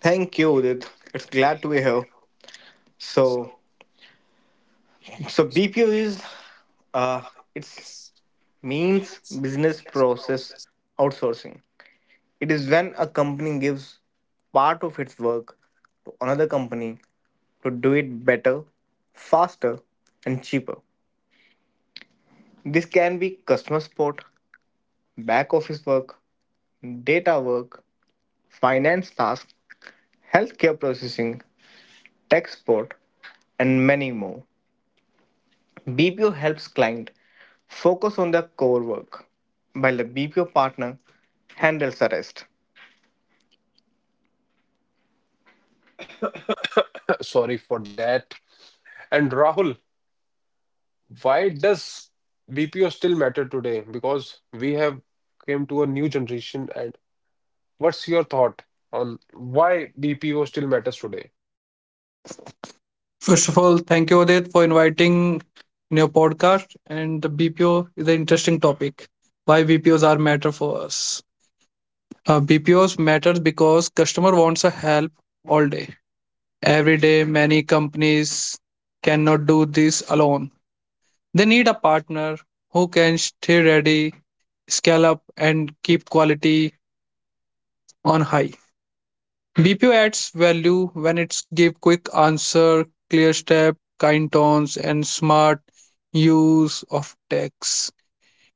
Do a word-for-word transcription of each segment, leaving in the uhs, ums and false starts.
Thank you, Udit. It's glad to be here. So, so B P O is uh, it's means business process outsourcing. It is when a company gives part of its work to another company to do it better, faster, and cheaper. This can be customer support, back office work, data work, finance tasks, healthcare processing, tech support, and many more. B P O helps client focus on their core work, while the B P O partner handles the rest. Sorry for that. And Rahul, why does B P O still matter today? Because we have came to a new generation, and what's your thought on why B P O still matters today? First of all, thank you, Odit, for inviting in your podcast. And the B P O is an interesting topic. Why B P Os are matter for us. Uh, B P Os matters because customer wants a help all day. Every day, many companies cannot do this alone. They need a partner who can stay ready, scale up, and keep quality on high. B P O adds value when it's give quick answer, clear step, kind tones, and smart use of text.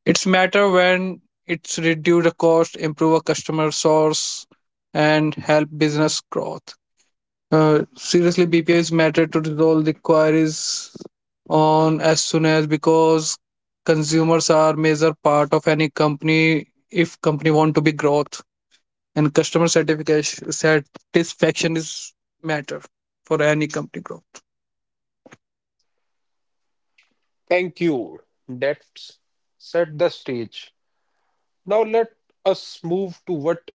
It's matter when it's reduce the cost, improve a customer source, and help business growth. Uh, seriously, B P O is matter to resolve the queries on as soon as because consumers are major part of any company if company want to be growth, and customer satisfaction satisfaction is matter for any company growth. Thank you. That's set the stage. Now let us move to what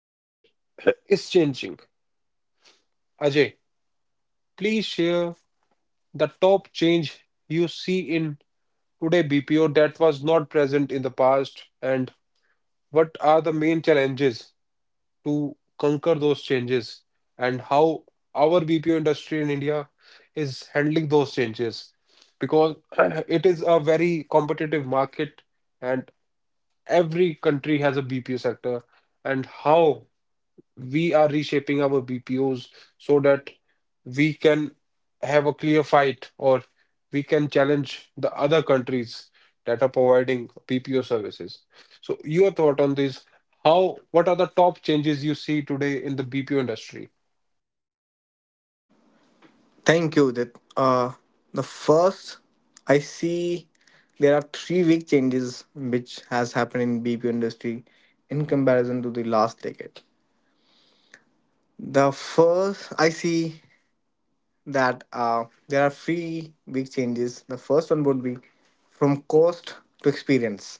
is changing. Ajay, please share the top change you see in today B P O that was not present in the past, and what are the main challenges to conquer those changes, and how our B P O industry in India is handling those changes because it is a very competitive market, and every country has a B P O sector, and how we are reshaping our B P Os so that we can have a clear fight, or we can challenge the other countries that are providing B P O services. So, your thought on this? How? What are the top changes you see today in the B P O industry? Thank you, Udit. Uh, the first, I see there are three big changes which has happened in B P O industry in comparison to the last decade. The first, I see that uh, there are three big changes. The first one would be from cost to experience.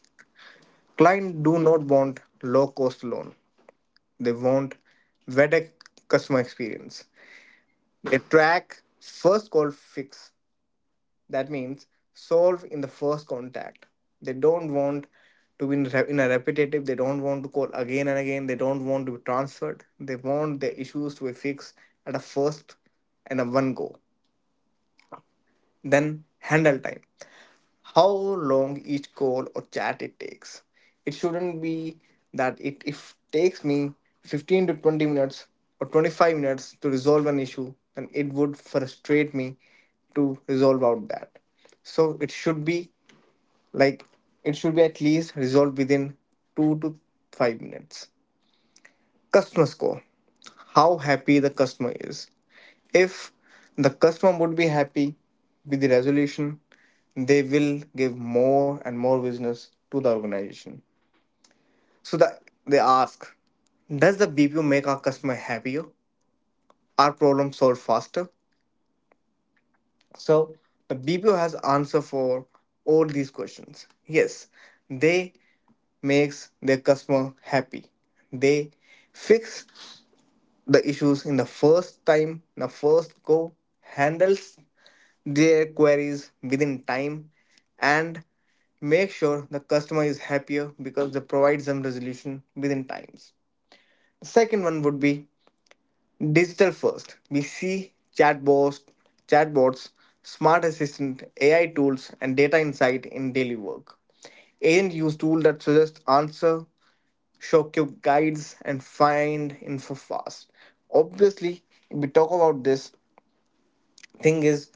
Client do not want low cost loan. They want V E D E C customer experience. They track first call fix. That means solve in the first contact. They don't want to be in a repetitive. They don't want to call again and again. They don't want to be transferred. They want their issues to be fixed at a first and a one go. Then handle time. How long each call or chat it takes. It shouldn't be that it if takes me fifteen to twenty minutes or twenty-five minutes to resolve an issue, then it would frustrate me to resolve out that. So it should be like it should be at least resolved within two to five minutes. Customer score how happy the customer is. If the customer would be happy with the resolution, they will give more and more business to the organization. So that they ask, does the B P O make our customer happier? Are problems solved faster? So the B P O has answer for all these questions. Yes, they makes their customer happy. They fix the issues in the first time, in the first go, handles their queries within time, and make sure the customer is happier because they provide some resolution within times. Second one would be digital first. We see chatbots, chatbots, smart assistant, A I tools, and data insight in daily work. Agent use tool that suggest answer ShopCube guides and find info fast. Obviously, if we talk about this thing is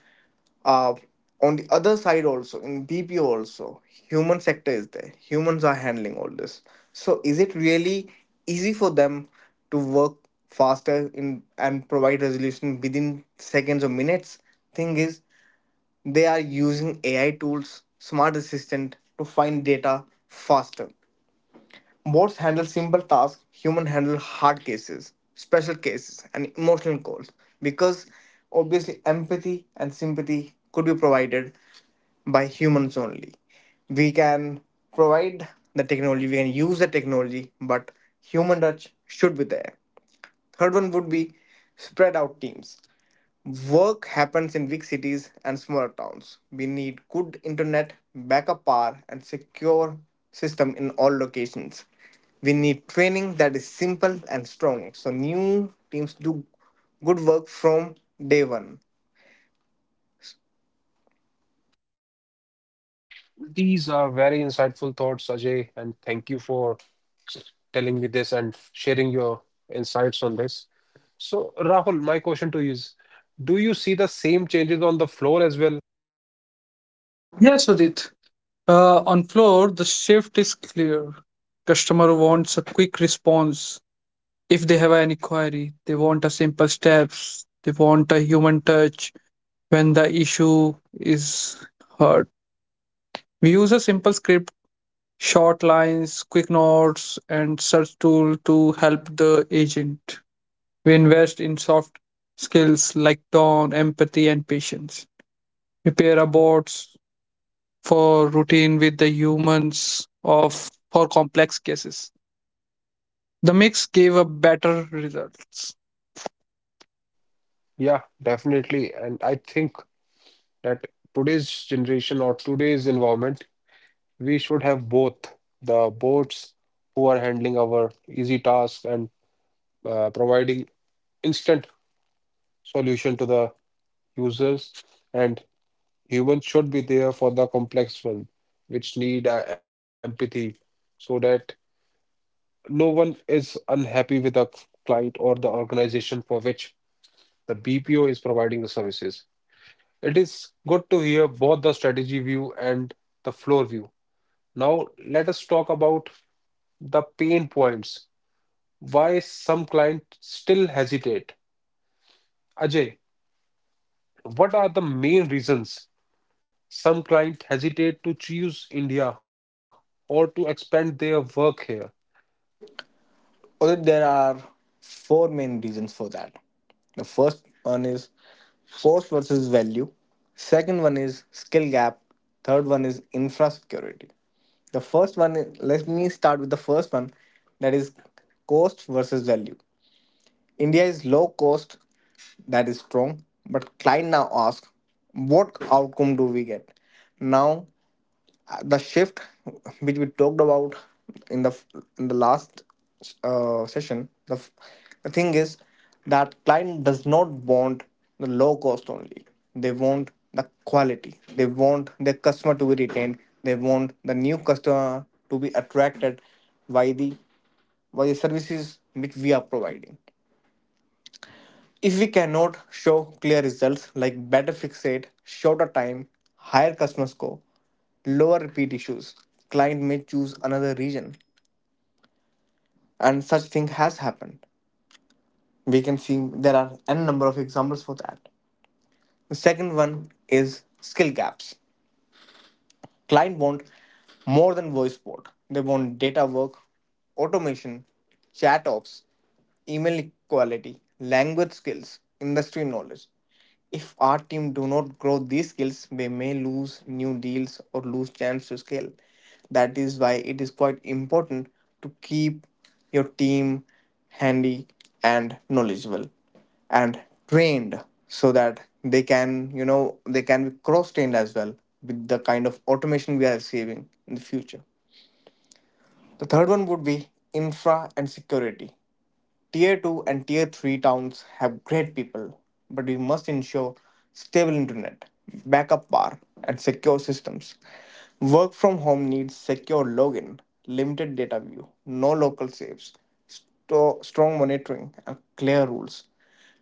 uh, on the other side also in B P O also human sector is there. Humans are handling all this. So is it really easy for them to work faster in and provide resolution within seconds or minutes? Thing is they are using A I tools, smart assistant to find data faster. Bots handle simple tasks, humans handle hard cases, special cases, and emotional calls. Because obviously, empathy and sympathy could be provided by humans only. We can provide the technology, we can use the technology, but human touch should be there. Third one would be spread out teams. Work happens in big cities and smaller towns. We need good internet, backup power, and secure system in all locations. We need training that is simple and strong, so new teams do good work from day one. These are very insightful thoughts, Ajay, and thank you for telling me this and sharing your insights on this. So, Rahul, my question to you is: do you see the same changes on the floor as well? Uh, yes, Udit. Uh, on floor, the shift is clear. Customer wants a quick response. If they have any query, they want a simple steps. They want a human touch when the issue is heard. We use a simple script, short lines, quick notes, and search tool to help the agent. We invest in soft skills like tone, empathy, and patience. We pair robots for routine with the humans of for complex cases. The mix gave a better results. Yeah, definitely. And I think that today's generation or today's environment, we should have both the bots who are handling our easy tasks and uh, providing instant solution to the users, and humans should be there for the complex one, which need uh, empathy, so that no one is unhappy with the client or the organization for which the B P O is providing the services. It is good to hear both the strategy view and the floor view. Now, let us talk about the pain points. Why some clients still hesitate? Ajay, what are the main reasons some clients hesitate to choose India or to expand their work here? Well, there are four main reasons for that. The first one is cost versus value. Second one is skill gap. Third one is infra security. The first one, is, let me start with the first one that is cost versus value. India is low cost, that is strong, but client now asks, what outcome do we get? Now the shift which we talked about in the in the last uh, session the, f- the thing is that client does not want the low cost only, they want the quality, they want their customer to be retained, they want the new customer to be attracted by the by the services which we are providing. If we cannot show clear results like better fix rate, shorter time, higher customer score, lower repeat issues, client may choose another region. And such thing has happened. We can see there are n number of examples for that. The second one is skill gaps. Client want more than voice support. They want data work, automation, chat ops, email equality, language skills, industry knowledge. If our team do not grow these skills, we may lose new deals or lose chance to scale. That is why it is quite important to keep your team handy and knowledgeable and trained so that they can, you know, they can be cross trained as well with the kind of automation we are receiving in the future. The third one would be infra and security. Tier two and Tier three towns have great people, but we must ensure stable internet, backup power, and secure systems. Work from home needs secure login, limited data view, no local saves, sto- strong monitoring, and clear rules.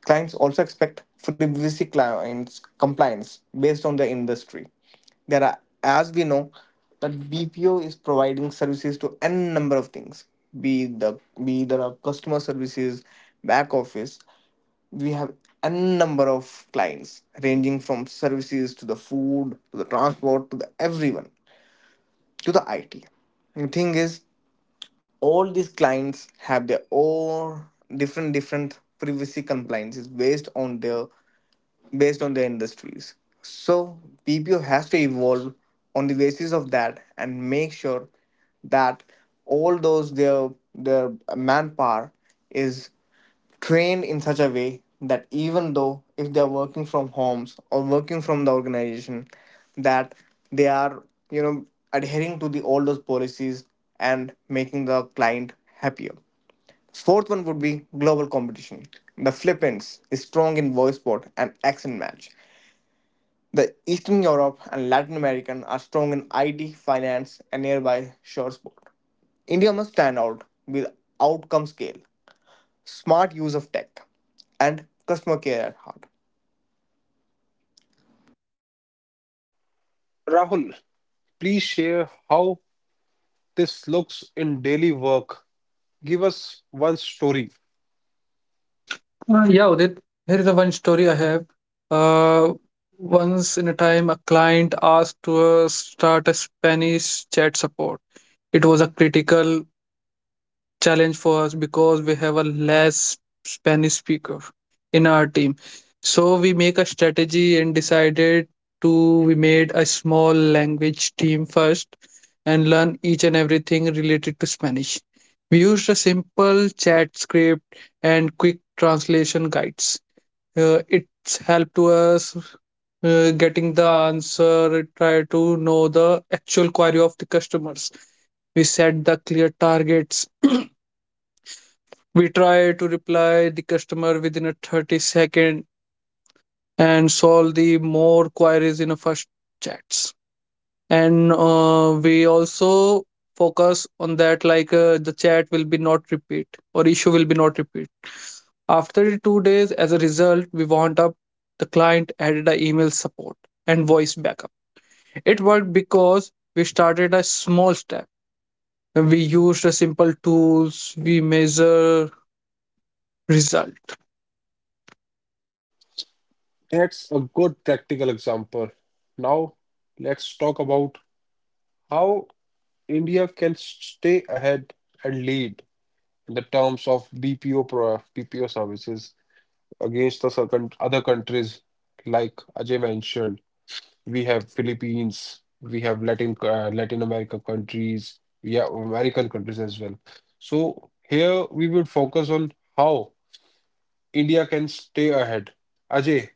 Clients also expect privacy clients compliance based on their industry. There are, as we know, that B P O is providing services to n number of things. Be the be the customer services, back office. We have n number of clients ranging from services to the food to the transport to the everyone to the I T. The thing is, all these clients have their own different different privacy compliances based on their based on their industries. So, B P O has to evolve on the basis of that and make sure that all those their their manpower is trained in such a way that even though if they're working from homes or working from the organization, that they are, you know, adhering to the all those policies and making the client happier. Fourth one would be global competition. The Philippines is strong in voice sport and accent match. The Eastern Europe and Latin American are strong in I T, finance, and nearby shore sport. India must stand out with outcome scale, smart use of tech, and customer care at heart. Rahul, please share how this looks in daily work. Give us one story. Uh, yeah, Udit. Here is the one story I have. Uh, Once in a time, a client asked to uh, start a Spanish chat support. It was a critical challenge for us because we have a less Spanish speaker in our team. So we make a strategy and decided to we made a small language team first and learn each and everything related to Spanish. We used a simple chat script and quick translation guides. Uh, it's helped to us uh, getting the answer, try to know the actual query of the customers. We set the clear targets, we try to reply the customer within a thirty second and solve the more queries in a first chats. And uh, we also focus on that like uh, the chat will be not repeat or issue will be not repeat. After two days, as a result, we wound up the client added a email support and voice backup. It worked because we started a small step. We used a simple tools, we measure result. That's a good practical example. Now, let's talk about how India can stay ahead and lead in the terms of B P O pro B P O services against the circum- other countries like Ajay mentioned. We have Philippines, we have Latin uh, Latin America countries, we have American countries as well. So here we would focus on how India can stay ahead. Ajay,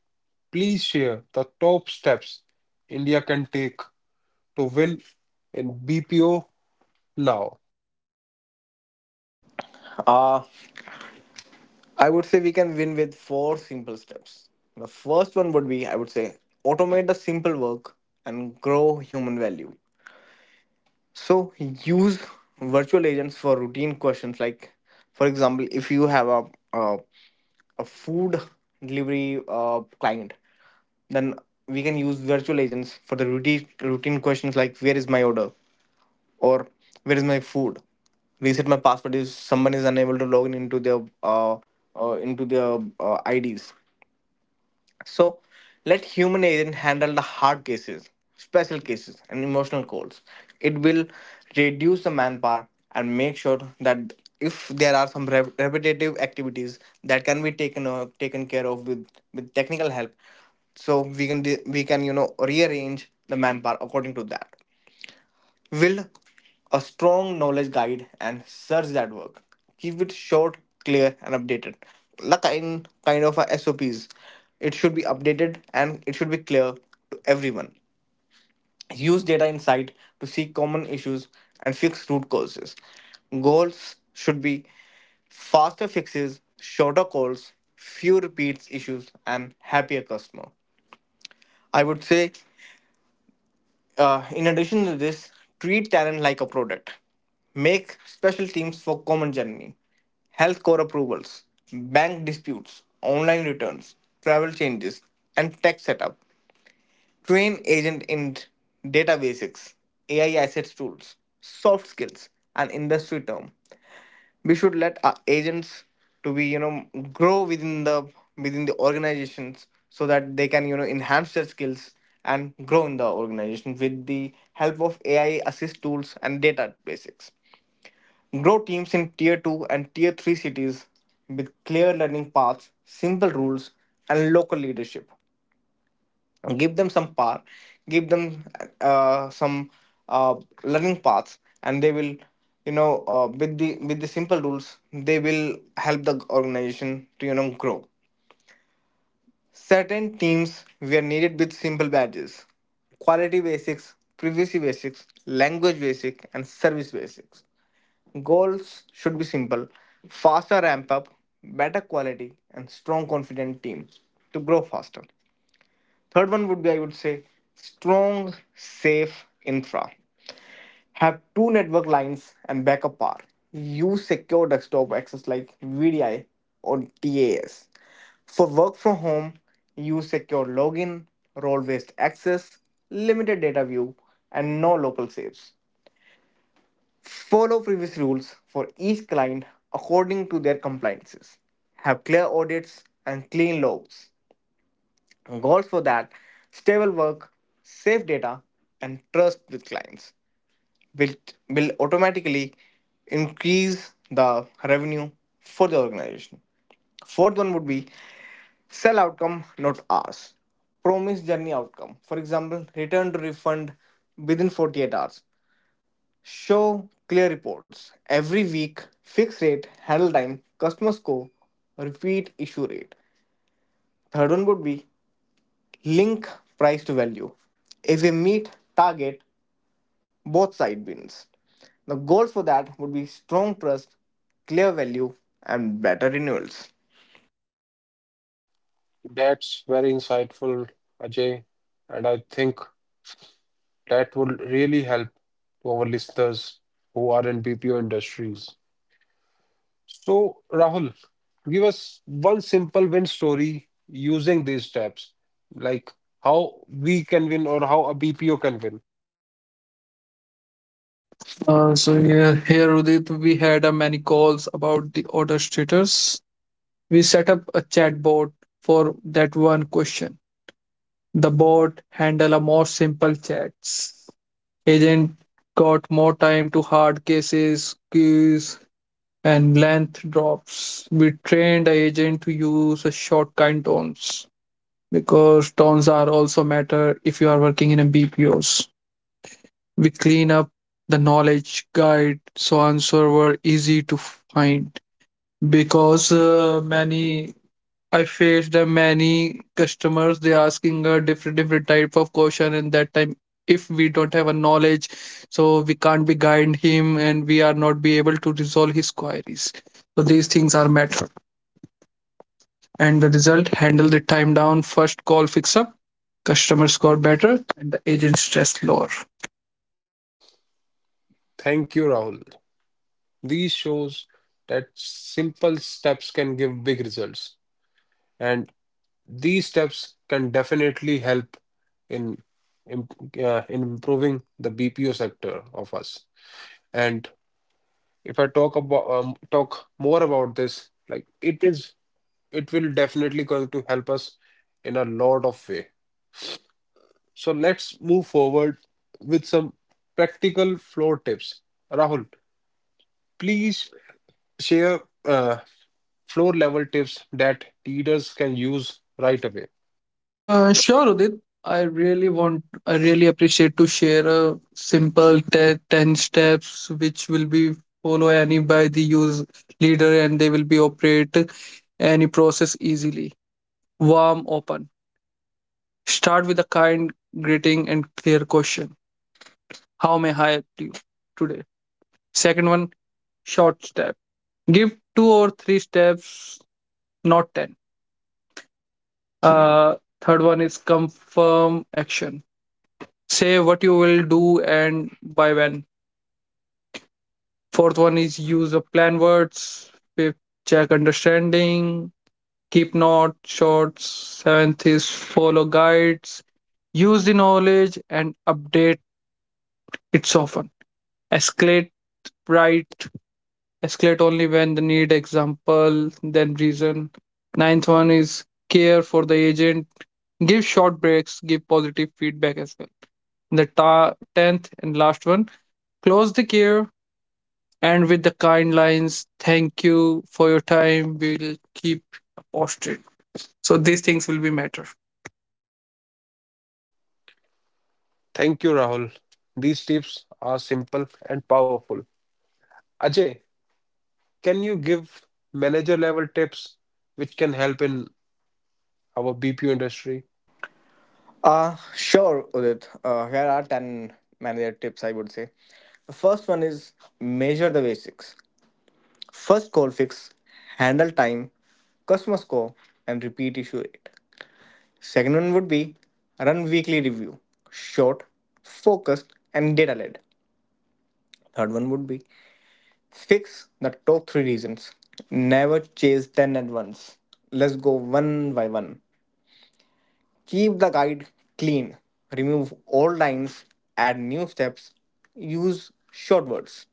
please share the top steps India can take to win in B P O now. Uh, I would say we can win with four simple steps. The first one would be, I would say, automate the simple work and grow human value. So use virtual agents for routine questions like, for example, if you have a a, a food delivery uh, client, then we can use virtual agents for the routine routine questions like where is my order or where is my food. Reset my password if someone is unable to log in into their uh, uh into their uh, I Ds. So let human agent handle the hard cases, special cases, and emotional calls. It will reduce the manpower and make sure that if there are some rev- repetitive activities that can be taken uh, taken care of with with technical help, so we can de- we can, you know, rearrange the manpower according to that. Build a strong knowledge guide and search that work. Keep it short, clear, and updated. Like in kind of a S O Ps, it should be updated and it should be clear to everyone. Use data insight to seek common issues and fix root causes. Goals should be faster fixes, shorter calls, few repeats issues, and happier customer. I would say Uh, in addition to this, treat talent like a product. Make special teams for common journey, health core approvals, bank disputes, online returns, travel changes, and tech setup. Train agent in data basics, A I assets tools, soft skills, and industry term. We should let our agents to be, you know, grow within the within the organizations so that they can, you know, enhance their skills and grow in the organization with the help of AI assist tools and data basics. Grow teams in tier two and tier three cities with clear learning paths, simple rules, and local leadership. Give them some power, give them uh, some uh, learning paths and they will, you know, uh, with the with the simple rules they will help the organization to, you know, grow. Certain teams were needed with simple badges, quality basics, privacy basics, language basic, and service basics. Goals should be simple, faster ramp up, better quality, and strong confident team to grow faster. Third one would be, I would say, strong, safe infra. Have two network lines and backup power. Use secure desktop access like V D I or TAS. For work from home, use secure login, role based access, limited data view, and no local saves. Follow previous rules for each client according to their compliances. Have clear audits and clean logs. Goals for that stable work, safe data, and trust with clients will, will automatically increase the revenue for the organization. Fourth one would be sell outcome, not hours. Promise journey outcome. For example, return to refund within forty-eight hours. Show clear reports every week, fixed rate, handle time, customer score, repeat issue rate. Third one would be link price to value. If we meet target, both side wins. The goals for that would be strong trust, clear value, and better renewals. That's very insightful, Ajay. And I think that would really help to our listeners who are in B P O industries. So, Rahul, give us one simple win story using these steps, like how we can win or how a B P O can win. Uh, so yeah, here Udit, we had uh, many calls about the order status. We set up a chat bot for that one question. The bot handled a more simple chats. Agent got more time to hard cases, queues, and length drops. We trained the agent to use a shortcut tones because tones are also matter if you are working in a B P Os. We clean up the knowledge guide so answer were easy to find because uh, many I faced the many customers they asking a different different type of question, and that time if we don't have a knowledge so we can't be guide him and we are not be able to resolve his queries. So these things are matter, and the result, handle the time down, first call fix up, customer score better, and the agent stress lower. Thank you, Rahul. These shows that simple steps can give big results. And these steps can definitely help in im- uh, in improving the B P O sector of us. And if I talk about um, talk more about this, like it is, it will definitely going to help us in a lot of way. So let's move forward with some practical floor tips. Rahul, please share uh, floor level tips that leaders can use right away. Uh, sure, Udit. I really want, I really appreciate to share a simple te- ten steps which will be follow any by the use leader and they will be operate any process easily. Warm, open. Start with a kind greeting and clear question. How may I help you today? Second one, short step. Give two or three steps, not ten. Uh, Third one is confirm action. Say what you will do and by when. Fourth one is use of plan words. Fifth, check understanding. Keep notes, shorts. Seventh is follow guides. Use the knowledge and update it often. Escalate right. Escalate only when the need. Example, then reason. Ninth one is care for the agent. Give short breaks. Give positive feedback as well. The ta- tenth and last one, close the care. And with the kind lines, thank you for your time. We'll keep posted. So these things will be matter. Thank you, Rahul. These tips are simple and powerful. Ajay, can you give manager level tips which can help in our B P O industry? Uh, sure, Udit. Uh, here are ten manager tips I would say. The first one is measure the basics. First goal fix, handle time, customer score, and repeat issue rate. Second one would be run weekly review, short, focused, and data led. Third one would be fix the top three reasons. Never chase ten at once. Let's go one by one. Keep the guide clean. Remove old lines. Add new steps. Use short words.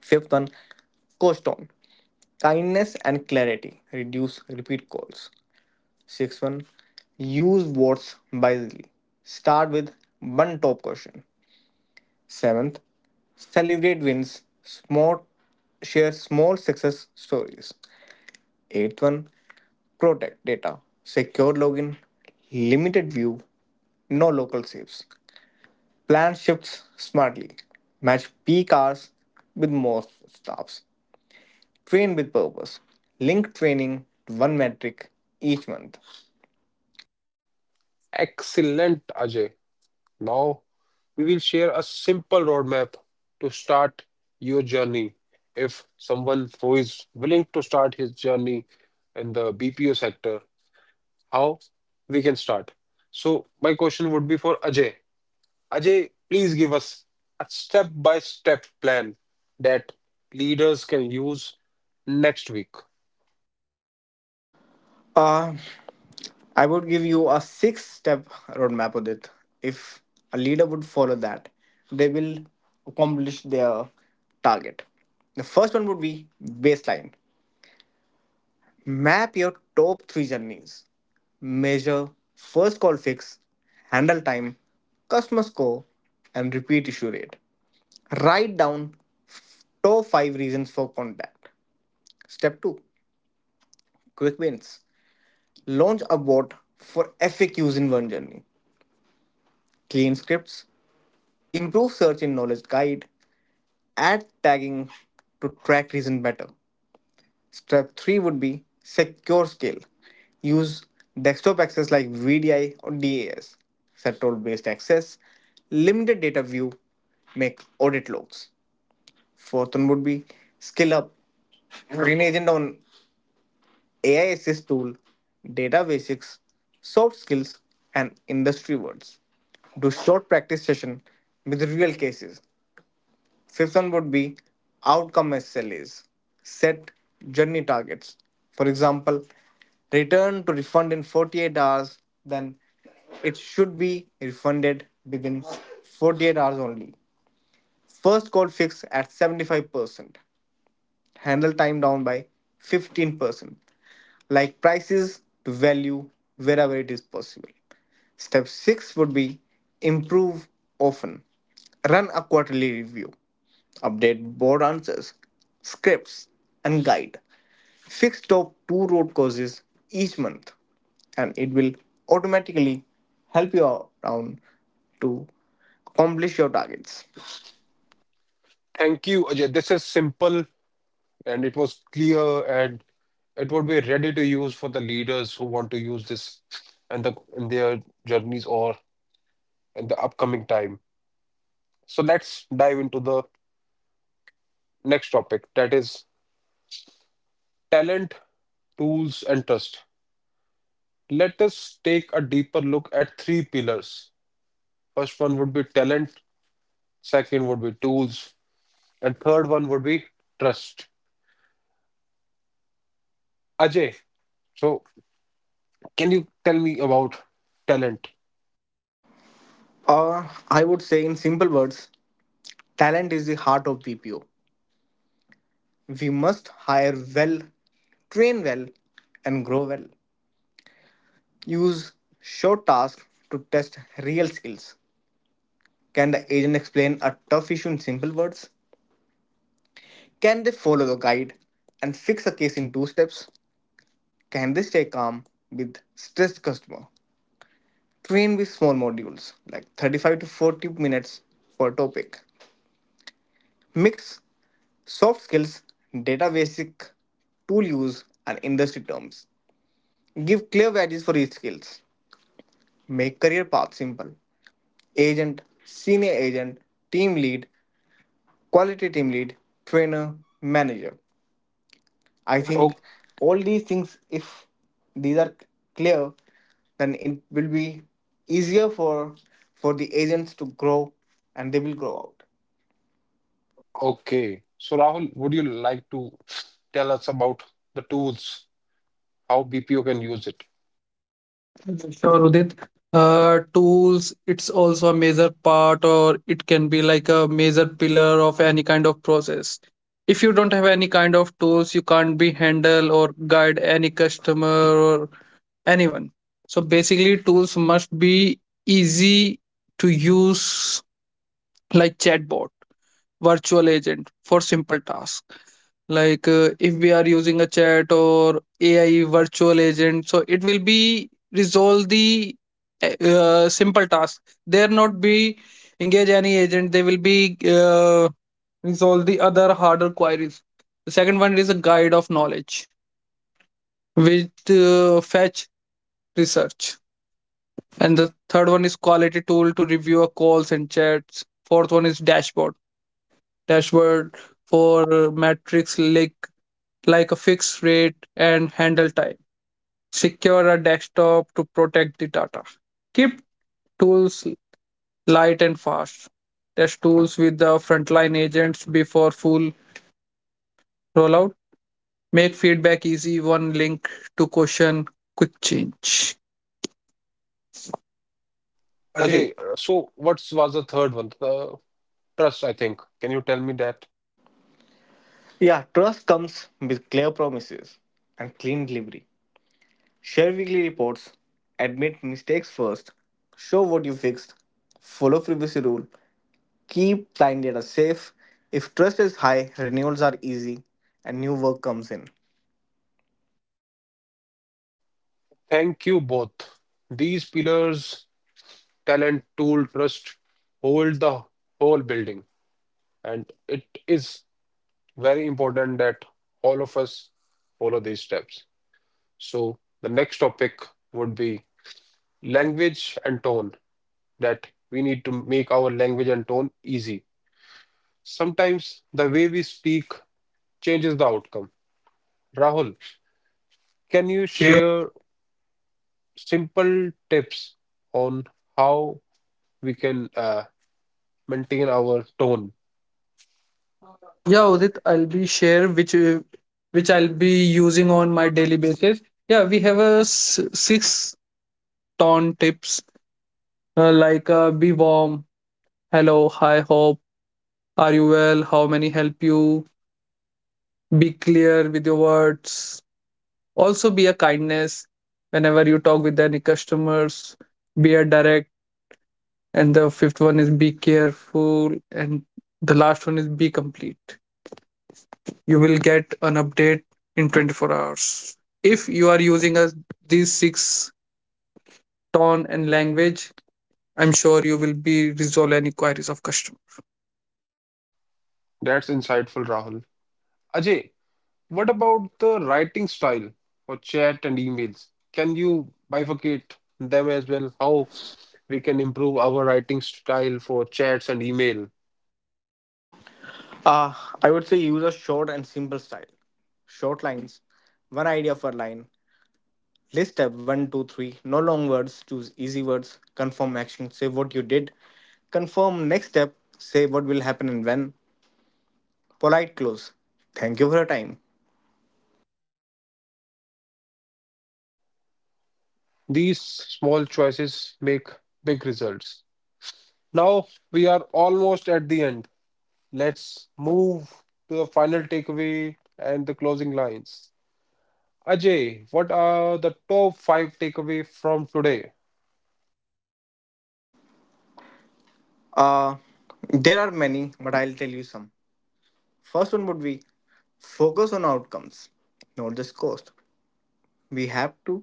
Fifth one, coast on. Kindness and clarity. Reduce repeat calls. Sixth one, use words wisely. Start with one top question. Seventh, celebrate wins. Small, share small success stories. Eighth one, protect data. Secure login, limited view, no local saves. Plan shifts smartly. Match peak hours with most staffs. Train with purpose. Link training to one metric each month. Excellent, Ajay. Now we will share a simple roadmap to start your journey. If someone who is willing to start his journey in the B P O sector, how we can start? So my question would be for Ajay. Ajay, please give us a step-by-step plan that leaders can use next week. Uh, I would give you a six step roadmap, Udit. If a leader would follow that, they will accomplish their target. The first one would be baseline. Map your top three journeys. Measure, first call fix, handle time, customer score, and repeat issue rate. Write down f- top five reasons for contact. Step two, quick wins. Launch a bot for F A Qs in one journey. Clean scripts, improve search in knowledge guide, add tagging to track reason better. Step three would be secure scale. Use desktop access like V D I or D A S, set role based access, limited data view, make audit logs. Fourth one would be skill up. Train agent on A I assist tool, data basics, soft skills, and industry words. Do short practice session with real cases. Fifth one would be outcome S L As. Set journey targets. For example, return to refund in forty-eight hours, then it should be refunded within forty-eight hours only. First call fix at seventy-five percent, handle time down by fifteen percent, like prices to value wherever it is possible. Step six would be improve often. Run a quarterly review, update board answers, scripts, and guide. Fix top two road causes each month, and it will automatically help you out around to accomplish your targets. Thank you, Ajay. This is simple, and it was clear, and it would be ready to use for the leaders who want to use this and the in their journeys or in the upcoming time. So let's dive into the next topic, that is talent, tools, and trust. Let us take a deeper look at three pillars. First one would be talent, second would be tools, and third one would be trust. Ajay, so can you tell me about talent? Or, I would say, in simple words, talent is the heart of B P O. We must hire well, train well, and grow well. Use short tasks to test real skills. Can the agent explain a tough issue in simple words? Can they follow the guide and fix a case in two steps? Can they stay calm with stressed customer? Train with small modules like thirty-five to forty minutes per topic. Mix soft skills, data basic, tool use, and industry terms. Give clear values for each skills. Make career path simple. Agent, senior agent, team lead, quality team lead, trainer, manager. I Oh, think all these things, if these are clear, then it will be easier for for the agents to grow and they will grow out. okay. So Rahul, would you like to tell us about the tools, how B P O can use it? Sure, Udit. Uh, tools, it's also a major part, or it can be like a major pillar of any kind of process. If you don't have any kind of tools, you can't be handle or guide any customer or anyone. So basically, tools must be easy to use, like chatbot, virtual agent for simple tasks, like uh, if we are using a chat or A I virtual agent so it will be resolve the eh, uh, simple task, there not be engage any agent, they will be uh, resolve the other harder queries. The second one is a guide of knowledge with uh, fetch research, and the third one is quality tool to review our calls and chats. Fourth one is dashboard dashboard for uh, metrics like like a fixed rate and handle time. Secure a desktop to protect the data. Keep tools light and fast. Test tools with the frontline agents before full rollout. Make feedback easy. One link to question, quick change. Ajay, Ajay, uh, so what was the third one? The trust, I think. Can you tell me that? Yeah, trust comes with clear promises and clean delivery. Share weekly reports, admit mistakes first, show what you fixed, follow privacy rule, keep client data safe. If trust is high, renewals are easy and new work comes in. Thank you both. These pillars, talent, tool, trust, hold the whole building. And it is very important that all of us follow these steps. So, the next topic would be language and tone, that we need to make our language and tone easy. Sometimes the way we speak changes the outcome. Rahul, can you share. share simple tips on how we can uh, maintain our tone? Uh, yeah, Udit, I'll be share which uh, which I'll be using on my daily basis. Yeah, we have a s- six ton tips uh, like uh, be warm, hello, hi, hope, are you well, how many help you. Be clear with your words. Also, be a kindness whenever you talk with any customers. Be a direct. And the fifth one is be careful. And the last one is be complete. You will get an update in twenty-four hours. If you are using a, these six tone and language, I'm sure you will be resolve any queries of customer. That's insightful, Rahul. Ajay, what about the writing style for chat and emails? Can you bifurcate them as well? How we can improve our writing style for chats and email? Uh, I would say use a short and simple style. Short lines, one idea per line. List step one, two, three. No long words, choose easy words. Confirm action, say what you did. Confirm next step, say what will happen and when. Polite close. Thank you for your time. These small choices make big results. Now we are almost at the end. Let's move to the final takeaway and the closing lines. Ajay, what are the top five takeaway from today? Uh, there are many, but I'll tell you some. First one would be focus on outcomes, not just cost. We have to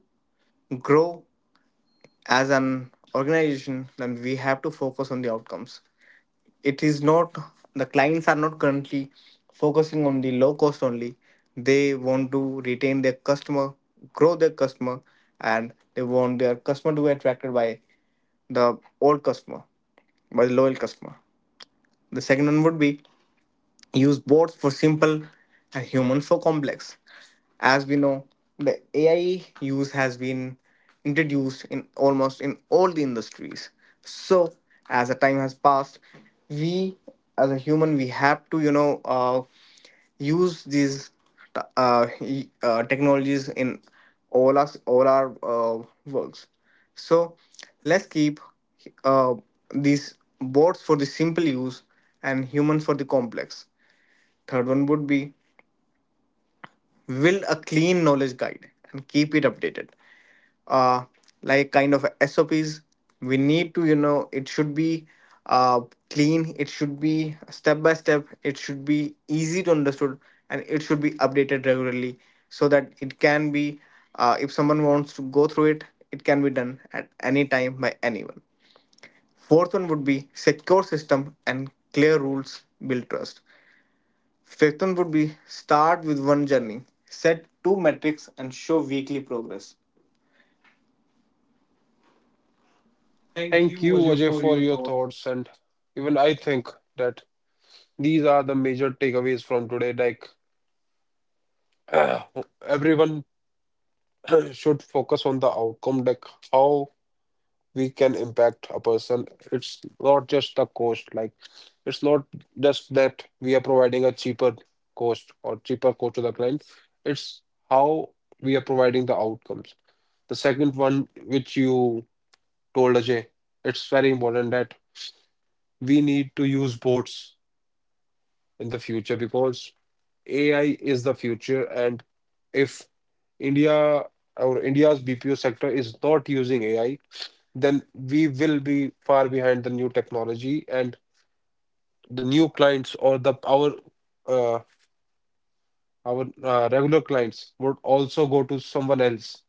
grow as an organization, then we have to focus on the outcomes. It is not the clients are not currently focusing on the low cost only. They want to retain their customer, grow their customer, and they want their customer to be attracted by the old customer, by the loyal customer. The second one would be use bots for simple and human for complex. As we know, the A I use has been introduced in almost in all the industries. So, as the time has passed, we as a human, we have to you know uh, use these t- uh, y- uh, technologies in all us all our uh, works. So let's keep uh, these bots for the simple use and humans for the complex. Third one would be build a clean knowledge guide and keep it updated. Uh, like kind of S O Ps, we need to, you know, it should be uh, clean, it should be step by step, it should be easy to understood, and it should be updated regularly so that it can be, uh, if someone wants to go through it, it can be done at any time by anyone. Fourth one would be secure system and clear rules build trust. Fifth one would be start with one journey, set two metrics, and show weekly progress. Thank you, Thank you, Vajay, Ajay, for for your your thoughts. thoughts, and even I think that. These are the major takeaways from today. Like uh, everyone should focus on the outcome, like how we can impact a person. It's not just the cost. Like it's not just that we are providing a cheaper cost or cheaper cost to the client. It's how we are providing the outcomes. The second one, which you told Ajay, it's very important that we need to use bots in the future, because A I is the future, and if India or India's B P O sector is not using A I, then we will be far behind the new technology, and the new clients or the our uh, our uh, regular clients would also go to someone else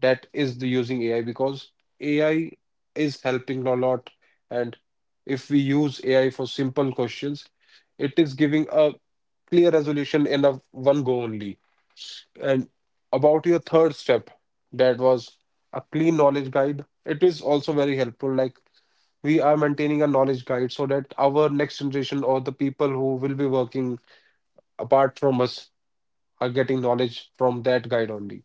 that is the using A I, because A I is helping a lot, and if we use A I for simple questions, it is giving a clear resolution in a one go only. And about your third step, that was a clean knowledge guide. It is also very helpful. Like we are maintaining a knowledge guide so that our next generation or the people who will be working apart from us are getting knowledge from that guide only.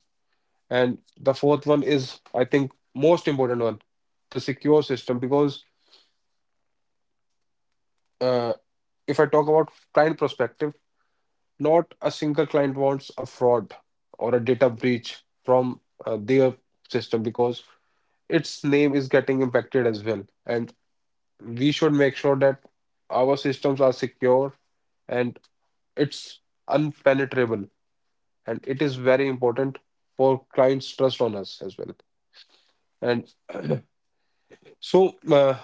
And the fourth one is, I think, most important one, the secure system. Because uh, if I talk about client perspective, not a single client wants a fraud or a data breach from uh, their system, because its name is getting impacted as well. And we should make sure that our systems are secure, and it's unpenetrable. And it is very important for clients' trust on us as well. And so, uh,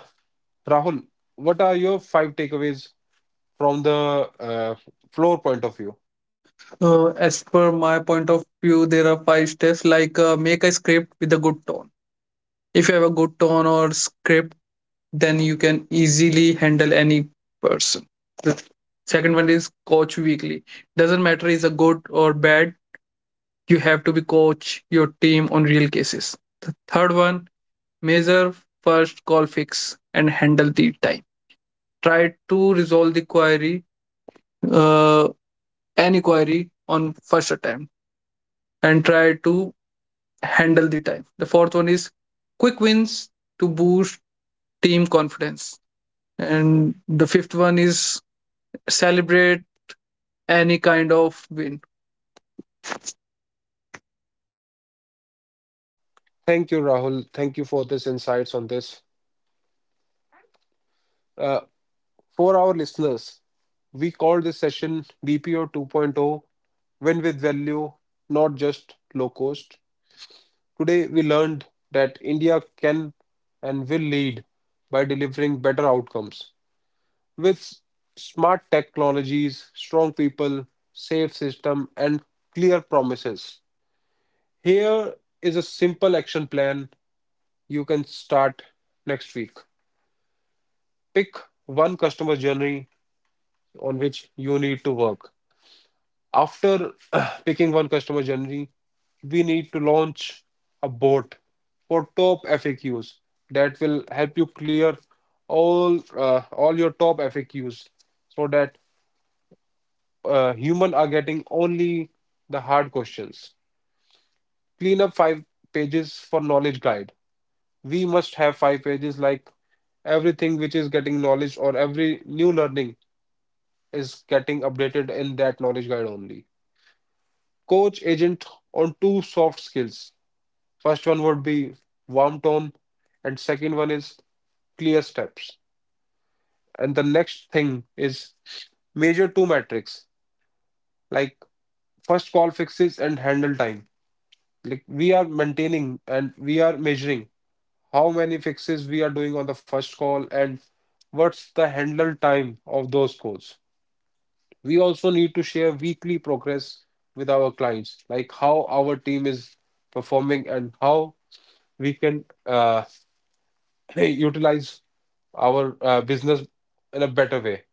Rahul, what are your five takeaways from the uh, floor point of view? Uh, as per my point of view, there are five steps like uh, make a script with a good tone. If you have a good tone or script, then you can easily handle any person. The second one is coach weekly, doesn't matter is a good or bad, you have to be coach your team on real cases. The third one, measure first call fix and handle the time. Try to resolve the query, uh, any query on first attempt and try to handle the time. The fourth one is quick wins to boost team confidence, and the fifth one is celebrate any kind of wind. Thank you, Rahul. Thank you for this insights on this. Uh, for our listeners, we call this session B P O 2.0: Win with Value, not just low cost. Today, we learned that India can and will lead by delivering better outcomes with smart technologies, strong people, safe system, and clear promises. Here is a simple action plan you can start next week. Pick one customer journey on which you need to work. After picking one customer journey, we need to launch a bot for top F A Qs that will help you clear all uh, all your top F A Qs so that uh, human are getting only the hard questions. Clean up five pages for knowledge guide. We must have five pages, like everything which is getting knowledge or every new learning is getting updated in that knowledge guide only. Coach agent on two soft skills. First one would be warm tone, and second one is clear steps. And the next thing is major two metrics like first call fixes and handle time. Like we are maintaining and we are measuring how many fixes we are doing on the first call and what's the handle time of those calls. We also need to share weekly progress with our clients, like how our team is performing and how we can uh, utilize our uh, business in a better way.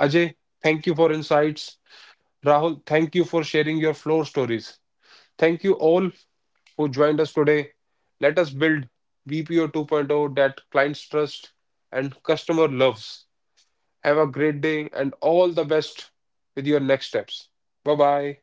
Ajay, thank you for insights. Rahul, thank you for sharing your floor stories. Thank you all who joined us today. Let us build B P O 2.0 that clients trust and customer loves. Have a great day and all the best with your next steps. Bye bye.